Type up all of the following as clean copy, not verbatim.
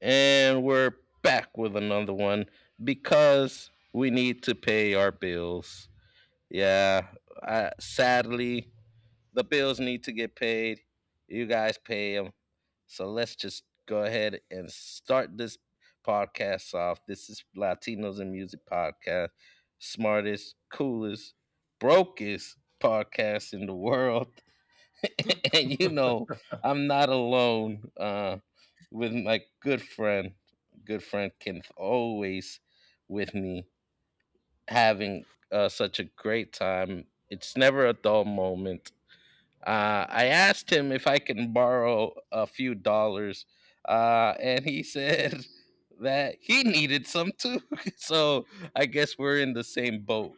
And we're back with another one because we need to pay our bills. Yeah, I, sadly, the bills need to get paid. You guys pay them. So let's just go ahead and start this podcast off. This is Latinos and Music Podcast, smartest, coolest, brokest podcast in the world. And I'm not alone with my good friend. Good friend Kenneth, always with me, having such a great time. It's never a dull moment. I asked him if I can borrow a few dollars, and he said that he needed some too. So I guess we're in the same boat.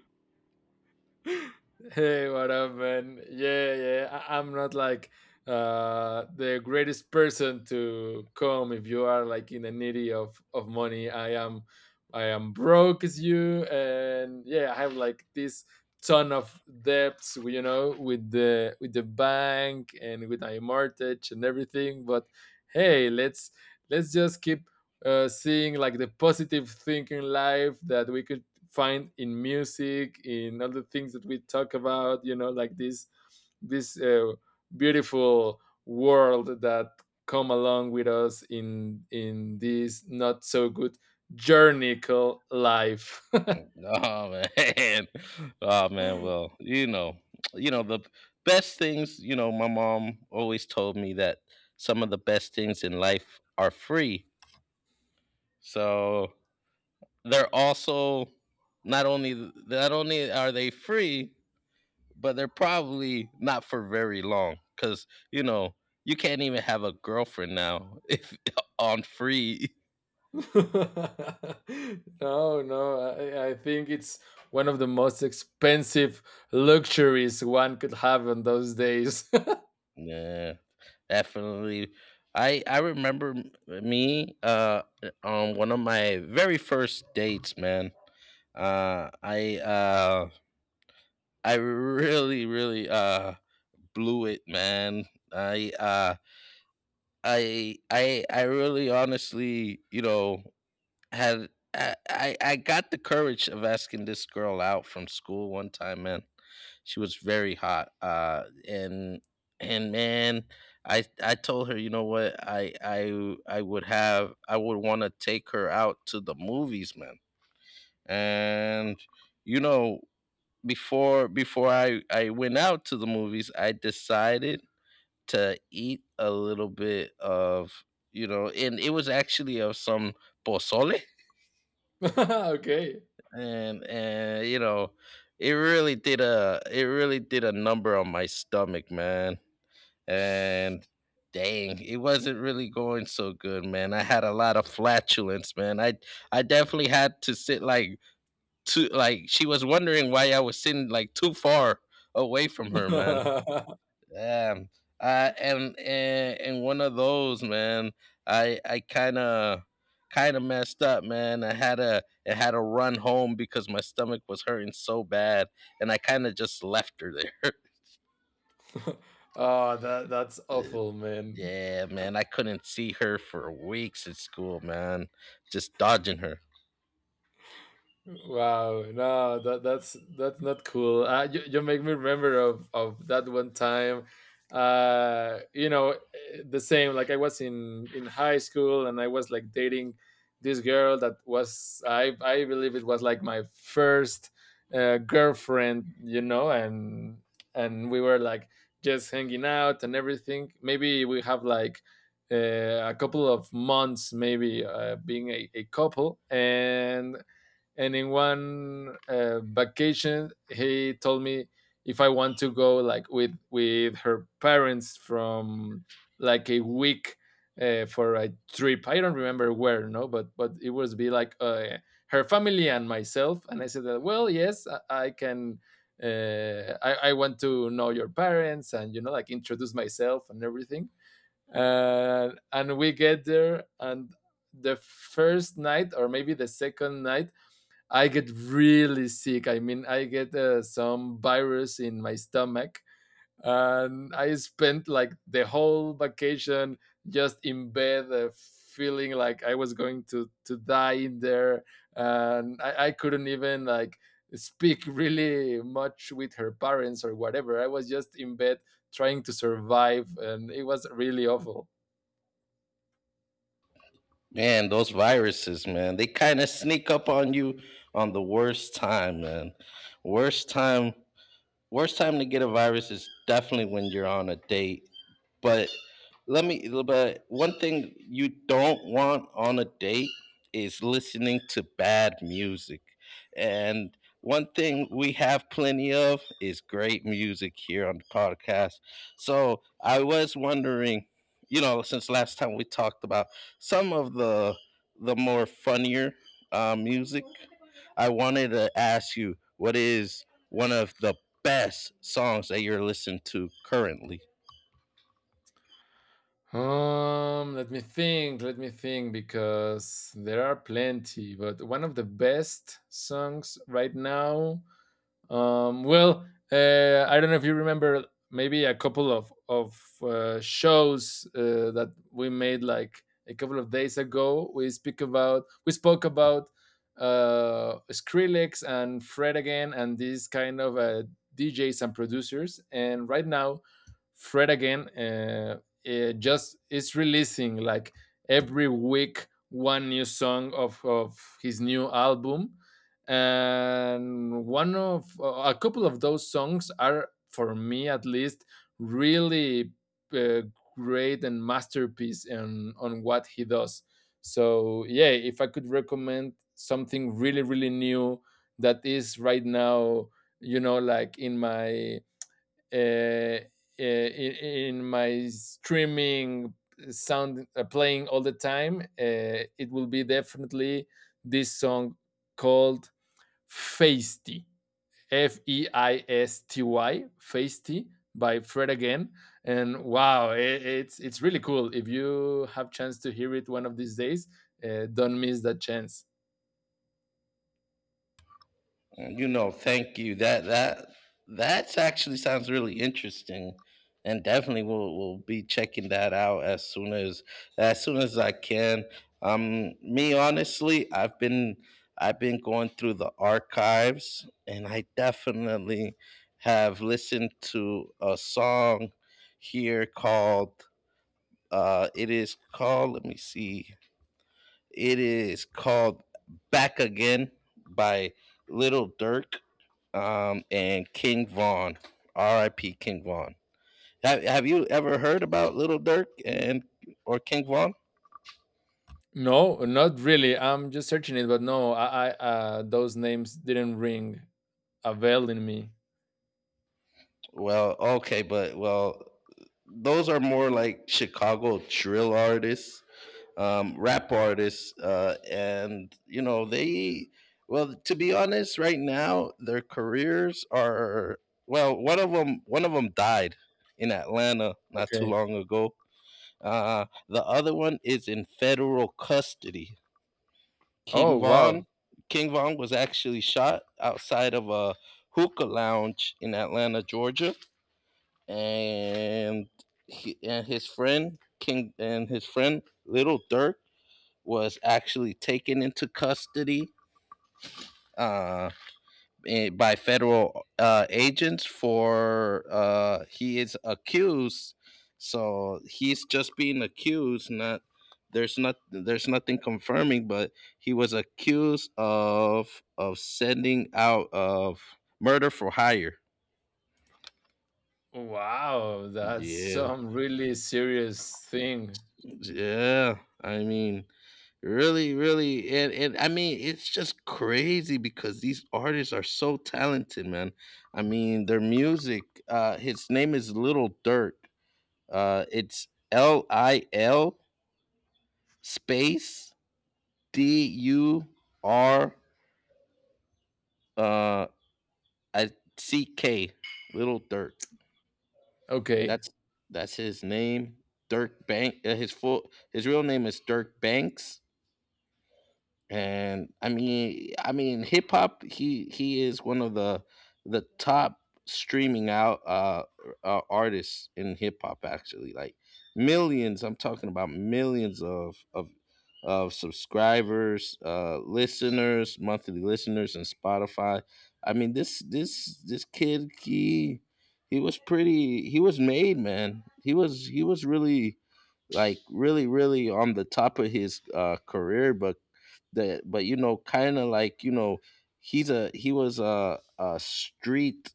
Hey, what up, man? Yeah, yeah. I'm not like the greatest person to come if you are like in the needy of money. I am broke as you, and yeah, I have like this ton of debts, you know, with the bank and with my mortgage and everything. But hey, let's just keep seeing like the positive thing in life that we could find in music, in all the things that we talk about, you know, like this beautiful world that come along with us in this not so good journey called life. No, Oh man. Oh man, well, you know the best things. My mom always told me that some of the best things in life are free. So, they're also not only are they free, but they're probably not for very long, cuz you can't even have a girlfriend now if on free. no, I think it's one of the most expensive luxuries one could have in those days. Yeah. Definitely. I remember on one of my very first dates, man. I I really really blew it, man. I I really honestly, had I got the courage of asking this girl out from school one time, man. She was very hot and man, I told her, you know what, I would want to take her out to the movies, man. And you know before I went out to the movies, I decided to eat a little bit of, and it was actually of some pozole. Okay. And it really did a it really did a number on my stomach, man. And dang, it wasn't really going so good, man. I had a lot of flatulence, man. I definitely had to sit like too, like she was wondering why I was sitting like too far away from her, man. Oh, Um, and one of those, man. I kind of messed up, man. I had to run home because my stomach was hurting so bad, and I kind of just left her there. that's awful, man. Yeah, man, I couldn't see her for weeks at school, man. Just dodging her. Wow, no, that's not cool. You, you make me remember of that one time. You know, the same. Like I was in high school and I was like dating this girl that was I believe it was like my first girlfriend. You know, and we were like just hanging out and everything. Maybe we have like a couple of months, maybe being a couple. And in one vacation, he told me if I want to go like with her parents from like a week, for a trip. I don't remember where, no, but but it was be like her family and myself. And I said that, well, yes, I can I want to know your parents and you know like introduce myself and everything. And we get there, and the first night or maybe the second night I get really sick. I mean, I get some virus in my stomach, and I spent like the whole vacation just in bed, feeling like I was going to die in there. And I couldn't even like speak really much with her parents or whatever. I was just in bed trying to survive, and it was really awful. Man, those viruses, man, they kind of sneak up on you on the worst time, man. Worst time, worst time to get a virus is definitely when you're on a date. But let me. But one thing you don't want on a date is listening to bad music, and one thing we have plenty of is great music here on the podcast. So I was wondering, since last time we talked about some of the more funnier music, I wanted to ask you what is one of the best songs that you're listening to currently. Let me think, let me think, because there are plenty. But one of the best songs right now, well, I don't know if you remember maybe a couple of shows that we made like a couple of days ago. We speak about we spoke about Skrillex and Fred again and these kind of DJs and producers. And right now, Fred again, it just is releasing like every week one new song of his new album. And one of a couple of those songs are, for me at least, really uh, great and masterpiece in on what he does. So yeah, if I could recommend something really really new that is right now, you know, like in my uh, in my streaming sound playing all the time, it will be definitely this song called Feisty, F E I S T Y, Feisty, by Fred again. And wow, it, it's really cool. If you have chance to hear it one of these days, don't miss that chance. You know, thank you. That that's actually sounds really interesting, and definitely we'll be checking that out as soon as I can. Me honestly, I've been going through the archives, and I definitely have listened to a song here called uh, it is called. Let me see it is called Back Again by Little Dirk and King Von. R.I.P. King Von. Have you ever heard about Little Dirk and or King Von? No, not really. I'm just searching it, but no, I those names didn't ring a bell in me. Well, okay, but well, those are more like Chicago drill artists. Rap artists. And you know they, well, to be honest, right now their careers are, well, one of them died in Atlanta not too Okay. long ago. The other one is in federal custody. Oh King wow, Vaughn, King Vaughn was actually shot outside of a hookah lounge in Atlanta, Georgia, and his friend King and his friend Little Dirk was actually taken into custody uh, by federal agents for he is accused. So he's just being accused. Not there's nothing confirming, but he was accused of sending out of murder for hire. wow, that's Yeah. some really serious thing. Yeah, I mean, really, really, and I mean, it's just crazy because these artists are so talented, man. I mean, their music. His name is Little Dirk. It's Lil space Dur uh I- C K. Little Dirk. Okay, That's that's his name. Dirk Bank. His real name is Dirk Banks, and I mean, hip hop. He is one of the top streaming out artists in hip hop. Actually, like millions. I'm talking about millions of subscribers, listeners, monthly listeners, and Spotify. I mean, this kid, he was pretty. He was made, man. He was really, like, really really on the top of his career, but that but you know, kind of, like, you know, he was a street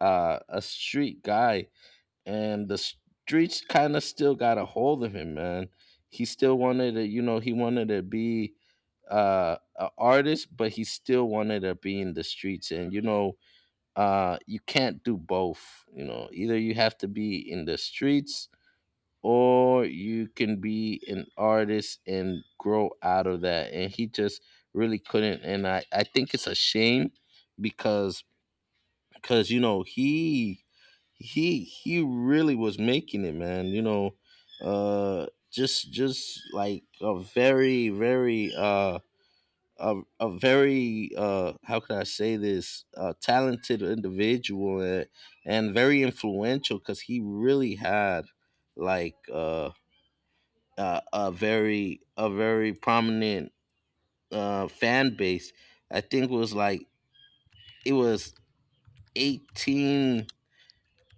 guy, and the streets kind of still got a hold of him, man. He still wanted to, you know, he wanted to be an artist, but he still wanted to be in the streets. And you know, you can't do both. You know, either you have to be in the streets, or you can be an artist and grow out of that, and he just really couldn't, and I think it's a shame, because you know, he really was making it, man. You know, just like a very very a very, how can I say this, talented individual. And and very influential, because he really had, like, a very prominent fan base. I think it was 18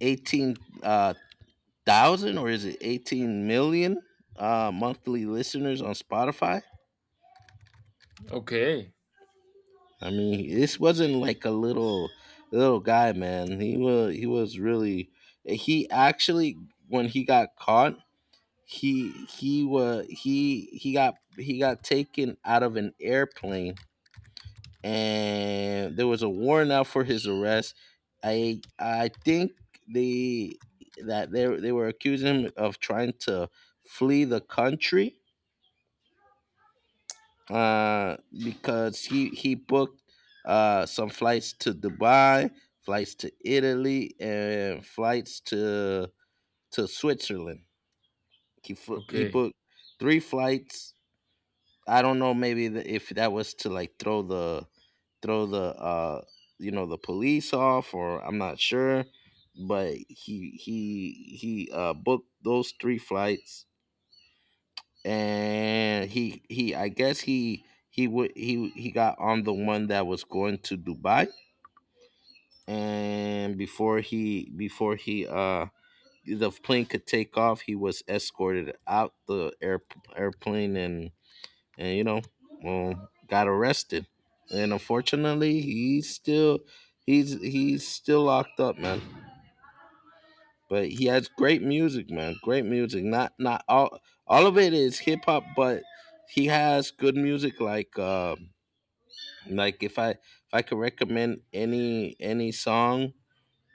eighteen thousand, or is it 18 million monthly listeners on Spotify. okay, I mean, this wasn't like a little little guy, man. He was really, he actually, when he got caught, he was he got taken out of an airplane, and there was a warrant out for his arrest. I think they that they were accusing him of trying to flee the country, uh, because he booked some flights to Dubai, flights to Italy, and flights to Switzerland. He okay. booked three flights. I don't know, maybe if that was to, like, throw the throw the uh you know, the police off, or I'm not sure. But he booked those three flights, and he I guess he would he got on the one that was going to Dubai, and before he the plane could take off, he was escorted out the airplane, and you know, got arrested. And unfortunately, he's still locked up, man. But he has great music, man. Great music. Not all all of it is hip hop, but he has good music. Like, like, if I could recommend any song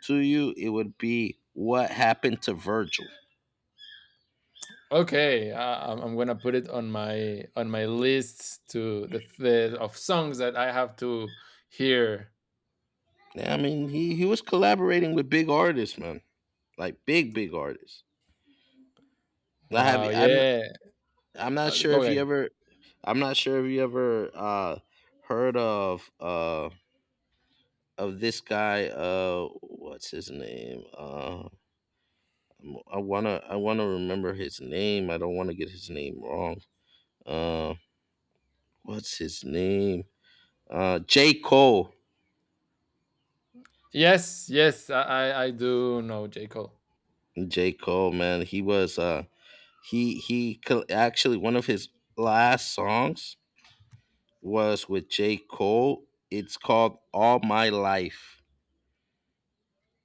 to you, it would be "What Happened to Virgil." Okay, I'm gonna put it on my list to the of songs that I have to hear. Yeah, I mean, he was collaborating with big artists, man. Like, big big artists. I have Wow, I'm yeah. I'm not sure Go if you ahead. ever. I'm not sure if you ever heard of this guy, what's his name? I want to remember his name. I don't want to get his name wrong. Uh what's his name? J. Cole. Yes, yes, I do know J Cole. J. Cole, man. He was actually, one of his last songs was with J. Cole. It's called All My Life.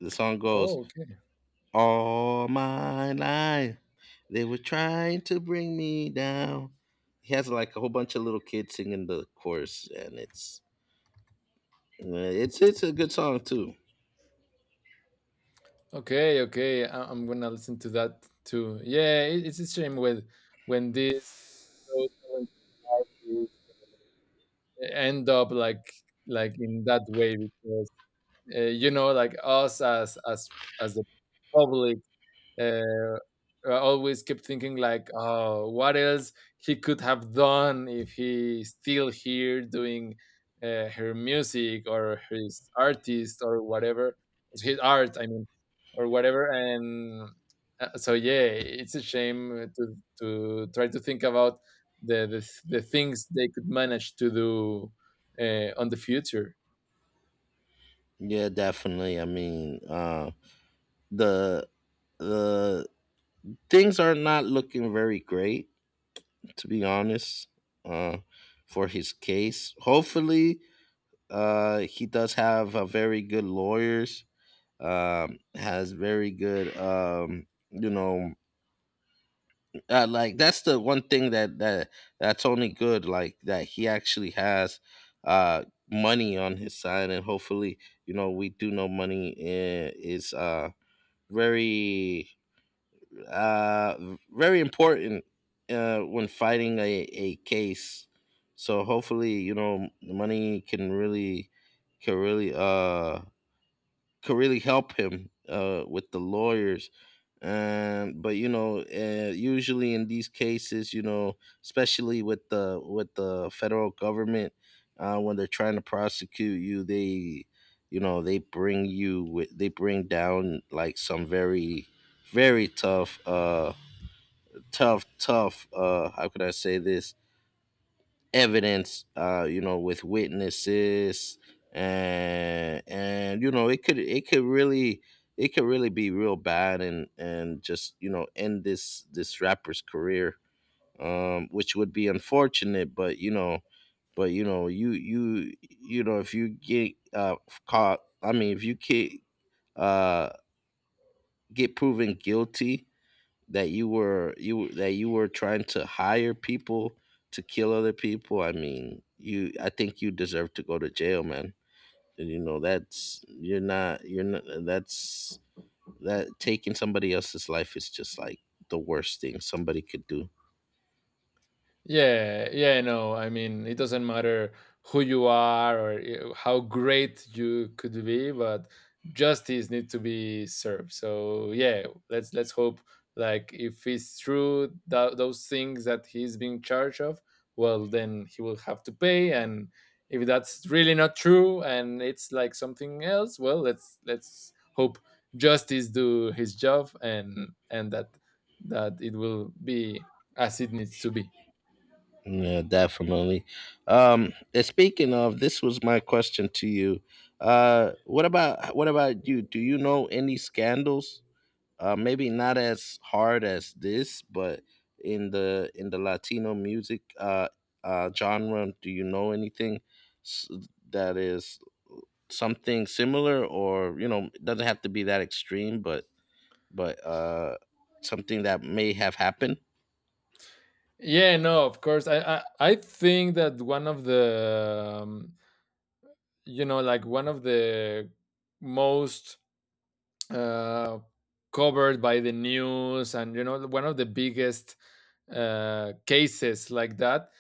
The song goes, Oh, okay, "All my life, they were trying to bring me down." He has like a whole bunch of little kids singing the chorus, and it's a good song too. okay, okay. I, I'm gonna listen to that too. Yeah, it, it's a shame when this those talented artists end up like in that way because, you know, like us as as the public, uh, I always kept thinking like, oh, what else he could have done if he's still here doing her music or his artist or whatever, his art, I mean, or whatever. And so yeah, it's a shame to try to think about the the, the things they could manage to do on the future. Yeah, definitely. I mean, the the things are not looking very great, to be honest, uh, for his case. Hopefully, he does have a very good lawyers. Has very good, you know, like, that's the one thing that that's only good, like, that he actually has money on his side. And hopefully, you know, we do know money is very, uh very important when fighting a case. So hopefully, you know, money can really, can really uh can really help him with the lawyers. And but you know, usually in these cases, you know, especially with the federal government, when they're trying to prosecute you, they, you know, they bring you with, they bring down like some very, very tough, tough, how could I say this, evidence, you know, with witnesses. And you know, it could, it could really be real bad, and just, you know, end this rapper's career. Which would be unfortunate, but you know, but you know, you know, if you get caught. I mean, if you uh get proven guilty, that you were, you that you were trying to hire people to kill other people. I mean, you I think you deserve to go to jail, man. And you know, that's you're not, that taking somebody else's life is just like the worst thing somebody could do. Yeah, yeah, no. I mean, it doesn't matter who you are or how great you could be, but justice needs to be served. So yeah, let's hope, like, if it's true that those things that he's being charged of, well, then he will have to pay. And if that's really not true and it's like something else, well, let's hope justice do his job, and that that it will be as it needs to be. Yeah, definitely. And speaking of, this was my question to you. What about you? Do you know any scandals? Maybe not as hard as this, but in the Latino music, genre, do you know anything, s- that is something similar, or, you know, it doesn't have to be that extreme, but but uh, something that may have happened? Yeah, no, of course. I think that one of the, you know, like one of the most, uh, covered by the news, and you know, one of the biggest cases like that,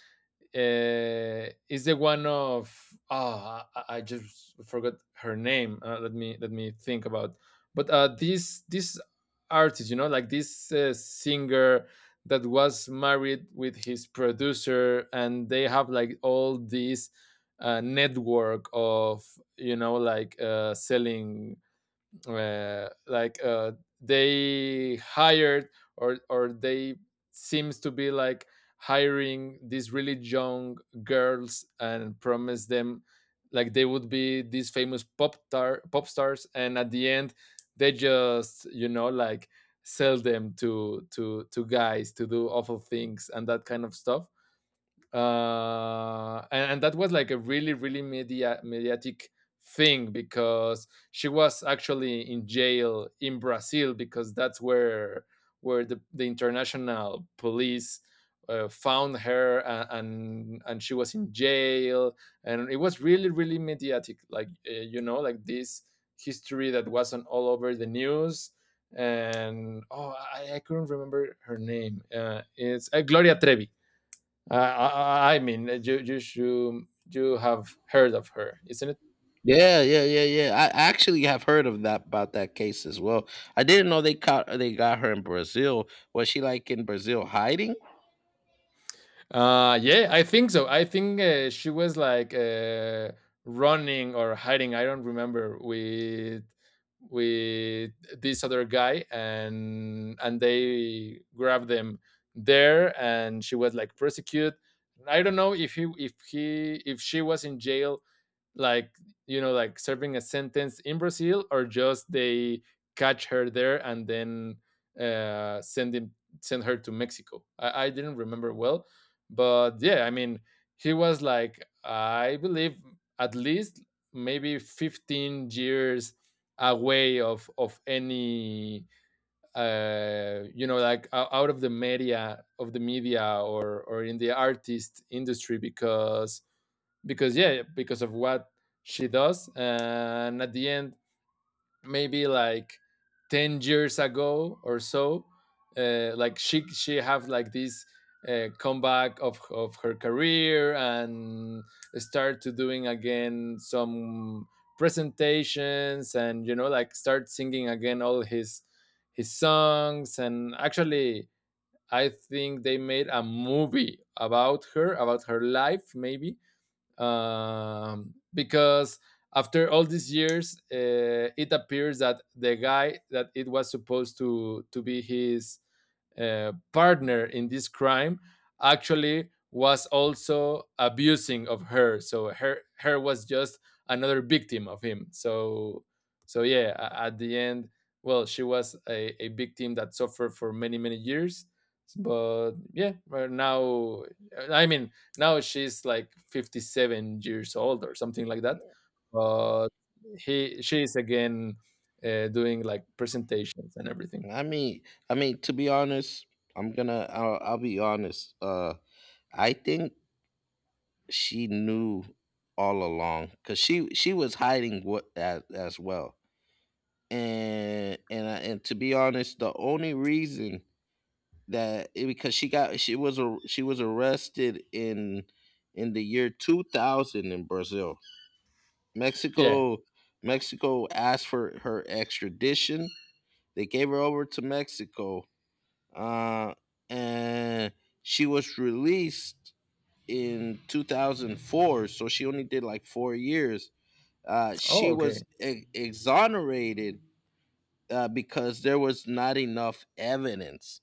is the one of, oh, I just forgot her name. Let me think about. But this this artist, you know, like this singer that was married with his producer. And they have like all this network of, you know, like, selling, uh, like uh, they hired, or they seems to be like hiring these really young girls and promise them like they would be these famous pop stars. And at the end, they just, you know, like, sell them to to guys to do awful things and that kind of stuff. And that was like a really really mediatic thing, because she was actually in jail in Brazil, because that's where the international police found her. And, and she was in jail, and it was really really mediatic. Like, you know, like this history that wasn't all over the news. And oh, I couldn't remember her name. Uh, it's Gloria Trevi. I mean, you should, you have heard of her, isn't it? Yeah, yeah, yeah, yeah. I actually have heard of that, about that case as well. I didn't know they got her in Brazil. Was she, like, in Brazil hiding? Yeah, I think so. I think she was like, running or hiding. I don't remember with with this other guy, and they grabbed them there, and she was like persecuted. I don't know if he if he if she was in jail, like, you know, like serving a sentence in Brazil, or just they catch her there and then send him send her to Mexico. I didn't remember well. But yeah, I mean, he was like, I believe, at least maybe 15 years away of any you know like out of the media or in the artist industry, because yeah, because of what she does. And at the end, maybe like 10 years ago or so, like she have like this comeback of her career, and start to doing again some presentations, and you know, like, start singing again all his songs. And actually, I think they made a movie about her, about her life maybe, because after all these years, it appears that the guy that it was supposed to be his partner in this crime actually was also abusing of her. So her her was just another victim of him. So so yeah, at the end, well, she was a victim that suffered for many many years. But yeah, right now, I mean, now she's like 57 years old or something like that. But he she is again, doing like presentations and everything. I mean, I mean, to be honest, I'll be honest. I think she knew all along because she was hiding, what, as well. And to be honest, the only reason because she got she was a she was arrested in the year 2000 in Brazil. Yeah. Mexico Mexico asked for her extradition. They gave her over to Mexico, uh and she was released in 2004, so she only did like 4 years. Oh, She was okay. Exonerated, because there was not enough evidence.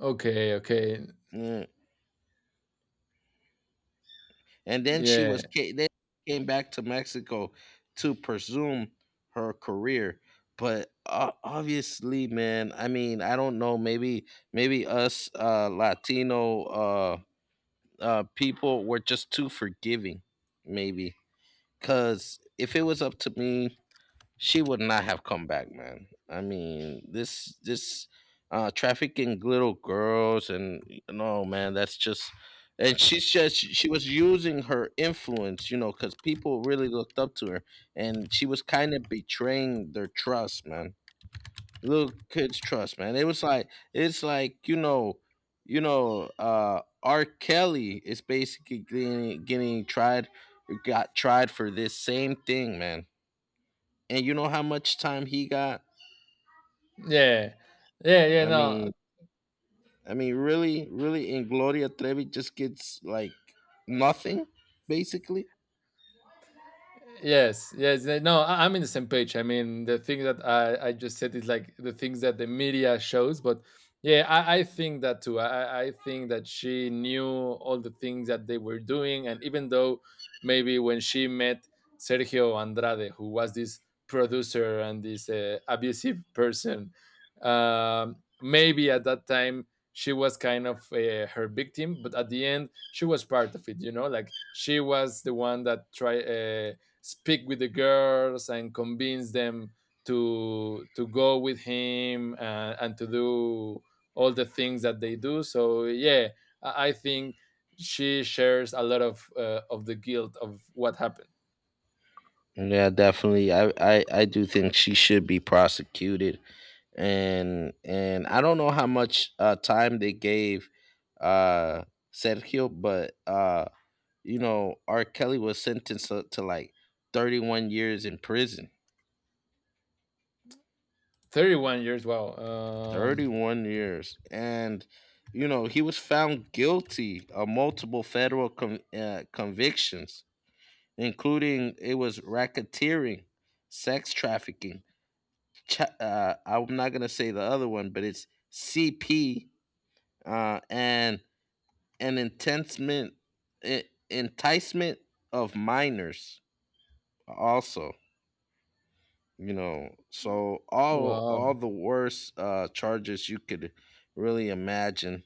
Okay, okay. Mm. and then she Yeah. was ca- then she came back to Mexico to pursue her career. But obviously, man, I mean, I don't know. Maybe us, Latino, people were just too forgiving. Maybe, because if it was up to me, she would not have come back, man. I mean, this trafficking little girls, and no, man, that's just. And she was using her influence, you know, because people really looked up to her, and she was kind of betraying their trust, man. Little kids' trust, man. It was like, it's like you know, R. Kelly is basically getting tried, got tried for this same thing, man, and you know how much time he got. Yeah. Yeah, yeah, I no. mean, I mean, really, really, and Gloria Trevi just gets like nothing, basically. Yes, yes. No, I'm in the same page. I mean, the thing that I just said is like the things that the media shows. But yeah, I think that too. I think that she knew all the things that they were doing. And even though maybe when she met Sergio Andrade, who was this producer and this abusive person, maybe at that time she was kind of her victim, but at the end she was part of it. You know, like, she was the one that tried speak with the girls and convince them to go with him, and to do all the things that they do. So yeah, I think she shares a lot of of the guilt of what happened. Yeah, definitely. I do think she should be prosecuted, and I don't know how much, time they gave, uh, Sergio, but you know, R. Kelly was sentenced to, like 31 years in prison. 31 years, wow. 31 years. And, you know, he was found guilty of multiple federal convictions, including, it was, racketeering, sex trafficking. I'm not going to say the other one, but it's CP, and an enticement, e- enticement of minors, also, you know. So all wow all the worst charges you could really imagine.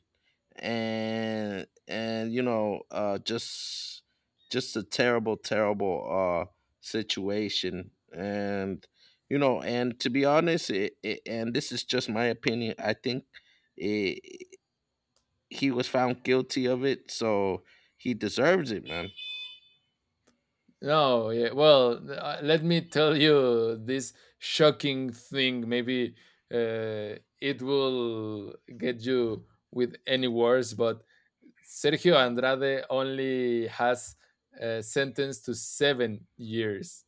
And you know, just, a terrible, terrible situation. And you know, and to be honest, and this is just my opinion, I think, it, he was found guilty of it, so he deserves it, man. no, yeah, well, let me tell you this shocking thing. Maybe it will get you with any words, but Sergio Andrade only has, sentenced to 7 years.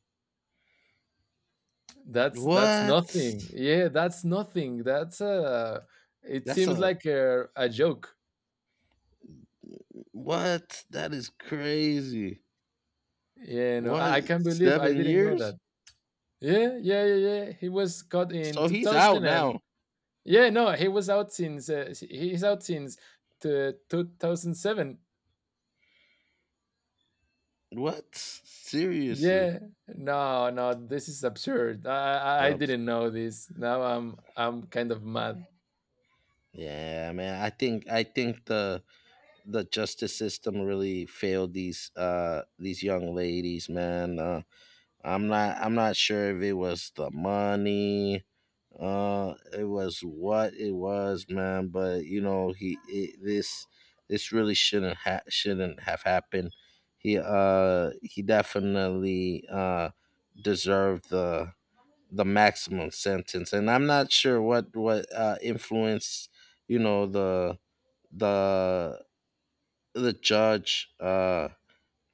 That's What? nothing. Yeah, that's nothing. That's it That's seems a... like a joke. what, that is crazy. You know, What, I can't believe I seven didn't know that. years Yeah, yeah, yeah, yeah. He was caught in So he's out 2000. And now? yeah, no, he was out since he's out since to 2007. What, seriously? Yeah, no, no, this is absurd. I Um, didn't know this. Now I'm kind of mad. Yeah, man. I think the justice system really failed these, these young ladies, man. I'm not sure if it was the money, it was what it was, man. But you know, this really shouldn't have happened. He, he definitely, deserved the maximum sentence, and I'm not sure what, influenced, you know, the the judge,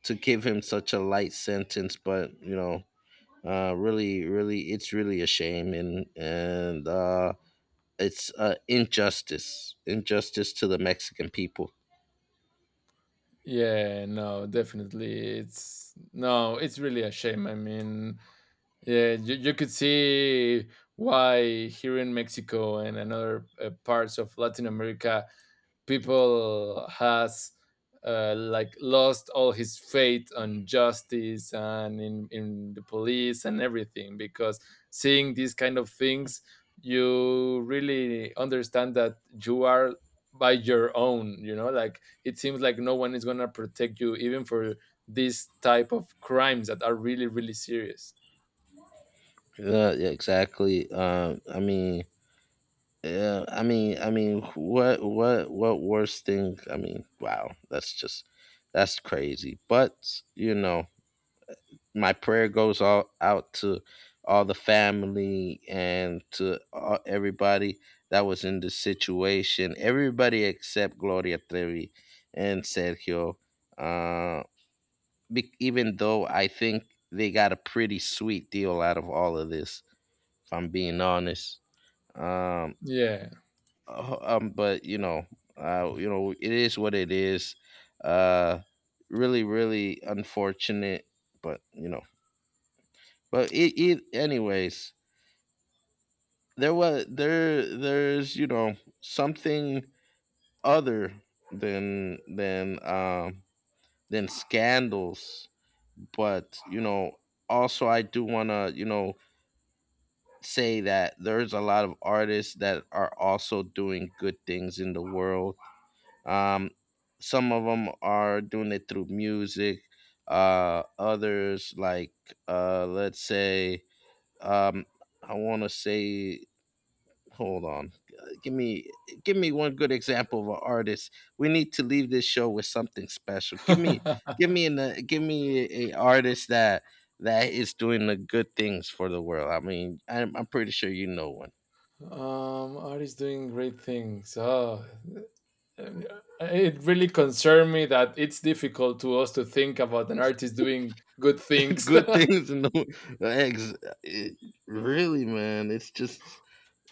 to give him such a light sentence. But you know, really, really, it's really a shame, and it's, injustice, injustice to the Mexican people. Yeah, no, definitely. It's, no, it's really a shame. I mean, yeah, you could see why here in Mexico and another parts of Latin America, people has like lost all his faith on justice and in the police and everything, because seeing these kind of things, you really understand that you are by your own. You know, like, it seems like no one is going to protect you, even for these type of crimes that are really really serious. Yeah, exactly. Yeah, I mean, what, what worst thing? I mean, wow, that's just, that's crazy. But you know, my prayer goes all out to all the family and to all, everybody that was in the situation. Everybody except Gloria Trevi and Sergio. Uh, Even though I think they got a pretty sweet deal out of all of this, if I'm being honest. Um, Yeah. But you know, it is what it is. Uh, Really, really unfortunate, but you know, but it anyways. There was there There's, you know, something other than than um than scandals, but you know, also I do wanna, you know, say that there's a lot of artists that are also doing good things in the world. Um, some of them are doing it through music. Others, like, let's say, um, I want to say, hold on. Uh, give me Give me one good example of an artist. We need to leave this show with something special. Um Give me a artist that is doing the good things for the world. I mean, I'm pretty sure you know one. Art is doing great things? Oh, um, it really concerned me that it's difficult to us to think about an artist doing good things. Good things in the ex, it- really, man, it's just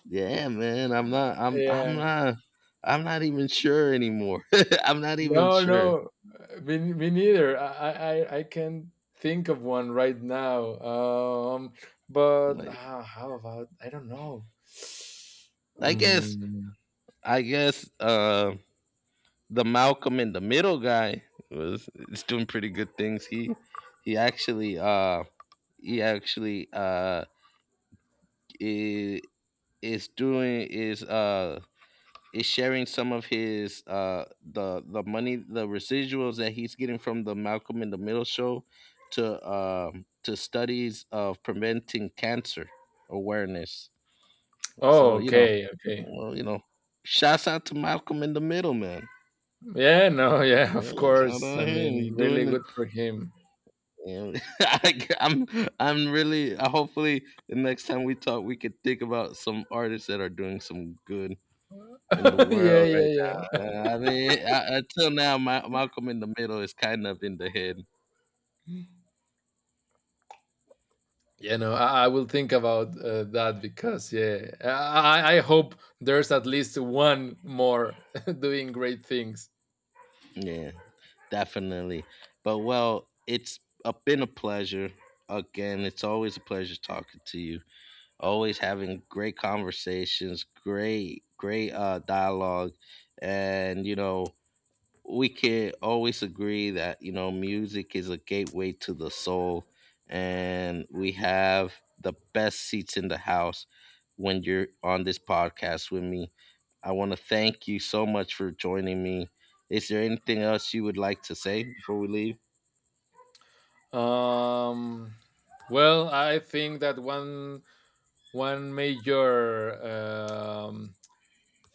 yeah, man. I'm not. I'm. I'm Yeah. not. I'm not even sure anymore. I'm not even No, sure. no, me, me neither. I can't think of one right now. But Like, how about I don't know. I guess. Um, I guess. The Malcolm in the Middle guy was is doing pretty good things. He actually. He actually. Is, is doing, is sharing some of his, the money, the residuals that he's getting from the Malcolm in the Middle show to, to studies of preventing cancer awareness. oh, So you know, okay, okay. well, you know, shouts out to Malcolm in the Middle, man. Yeah, no, yeah, of Well, shout course. I out him, mean, he's really doing it. good for him. And I'm really, hopefully the next time we talk we could think about some artists that are doing some good in the Yeah, world yeah, right yeah. now. I mean, until now, Malcolm in the Middle is kind of in the head. You know, I will think about that, because yeah, I hope there's at least one more doing great things. Yeah, definitely. But, well, been a pleasure. Again, it's always a pleasure talking to you. Always having great conversations, great, great dialogue, and you know, we can always agree that, you know, music is a gateway to the soul, and we have the best seats in the house when you're on this podcast with me. I want to thank you so much for joining me. Is there anything else you would like to say before we leave? Um, well, I think that one one major, um,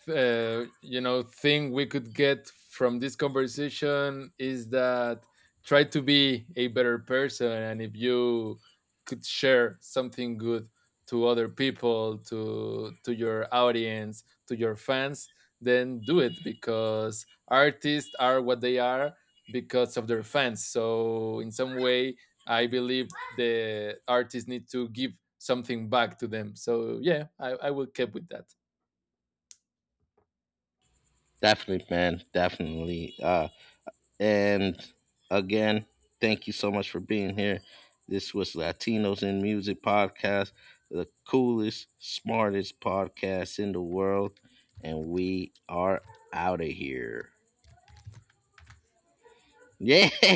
uh, you know, thing we could get from this conversation is that try to be a better person. And if you could share something good to other people, to your audience, to your fans, then do it, because artists are what they are because of their fans. So in some way, I believe the artists need to give something back to them. So yeah, I will keep with that. Definitely, man, definitely. And again, thank you so much for being here. This was Latinos in Music Podcast, the coolest, smartest podcast in the world. And we are out of here. Yeah.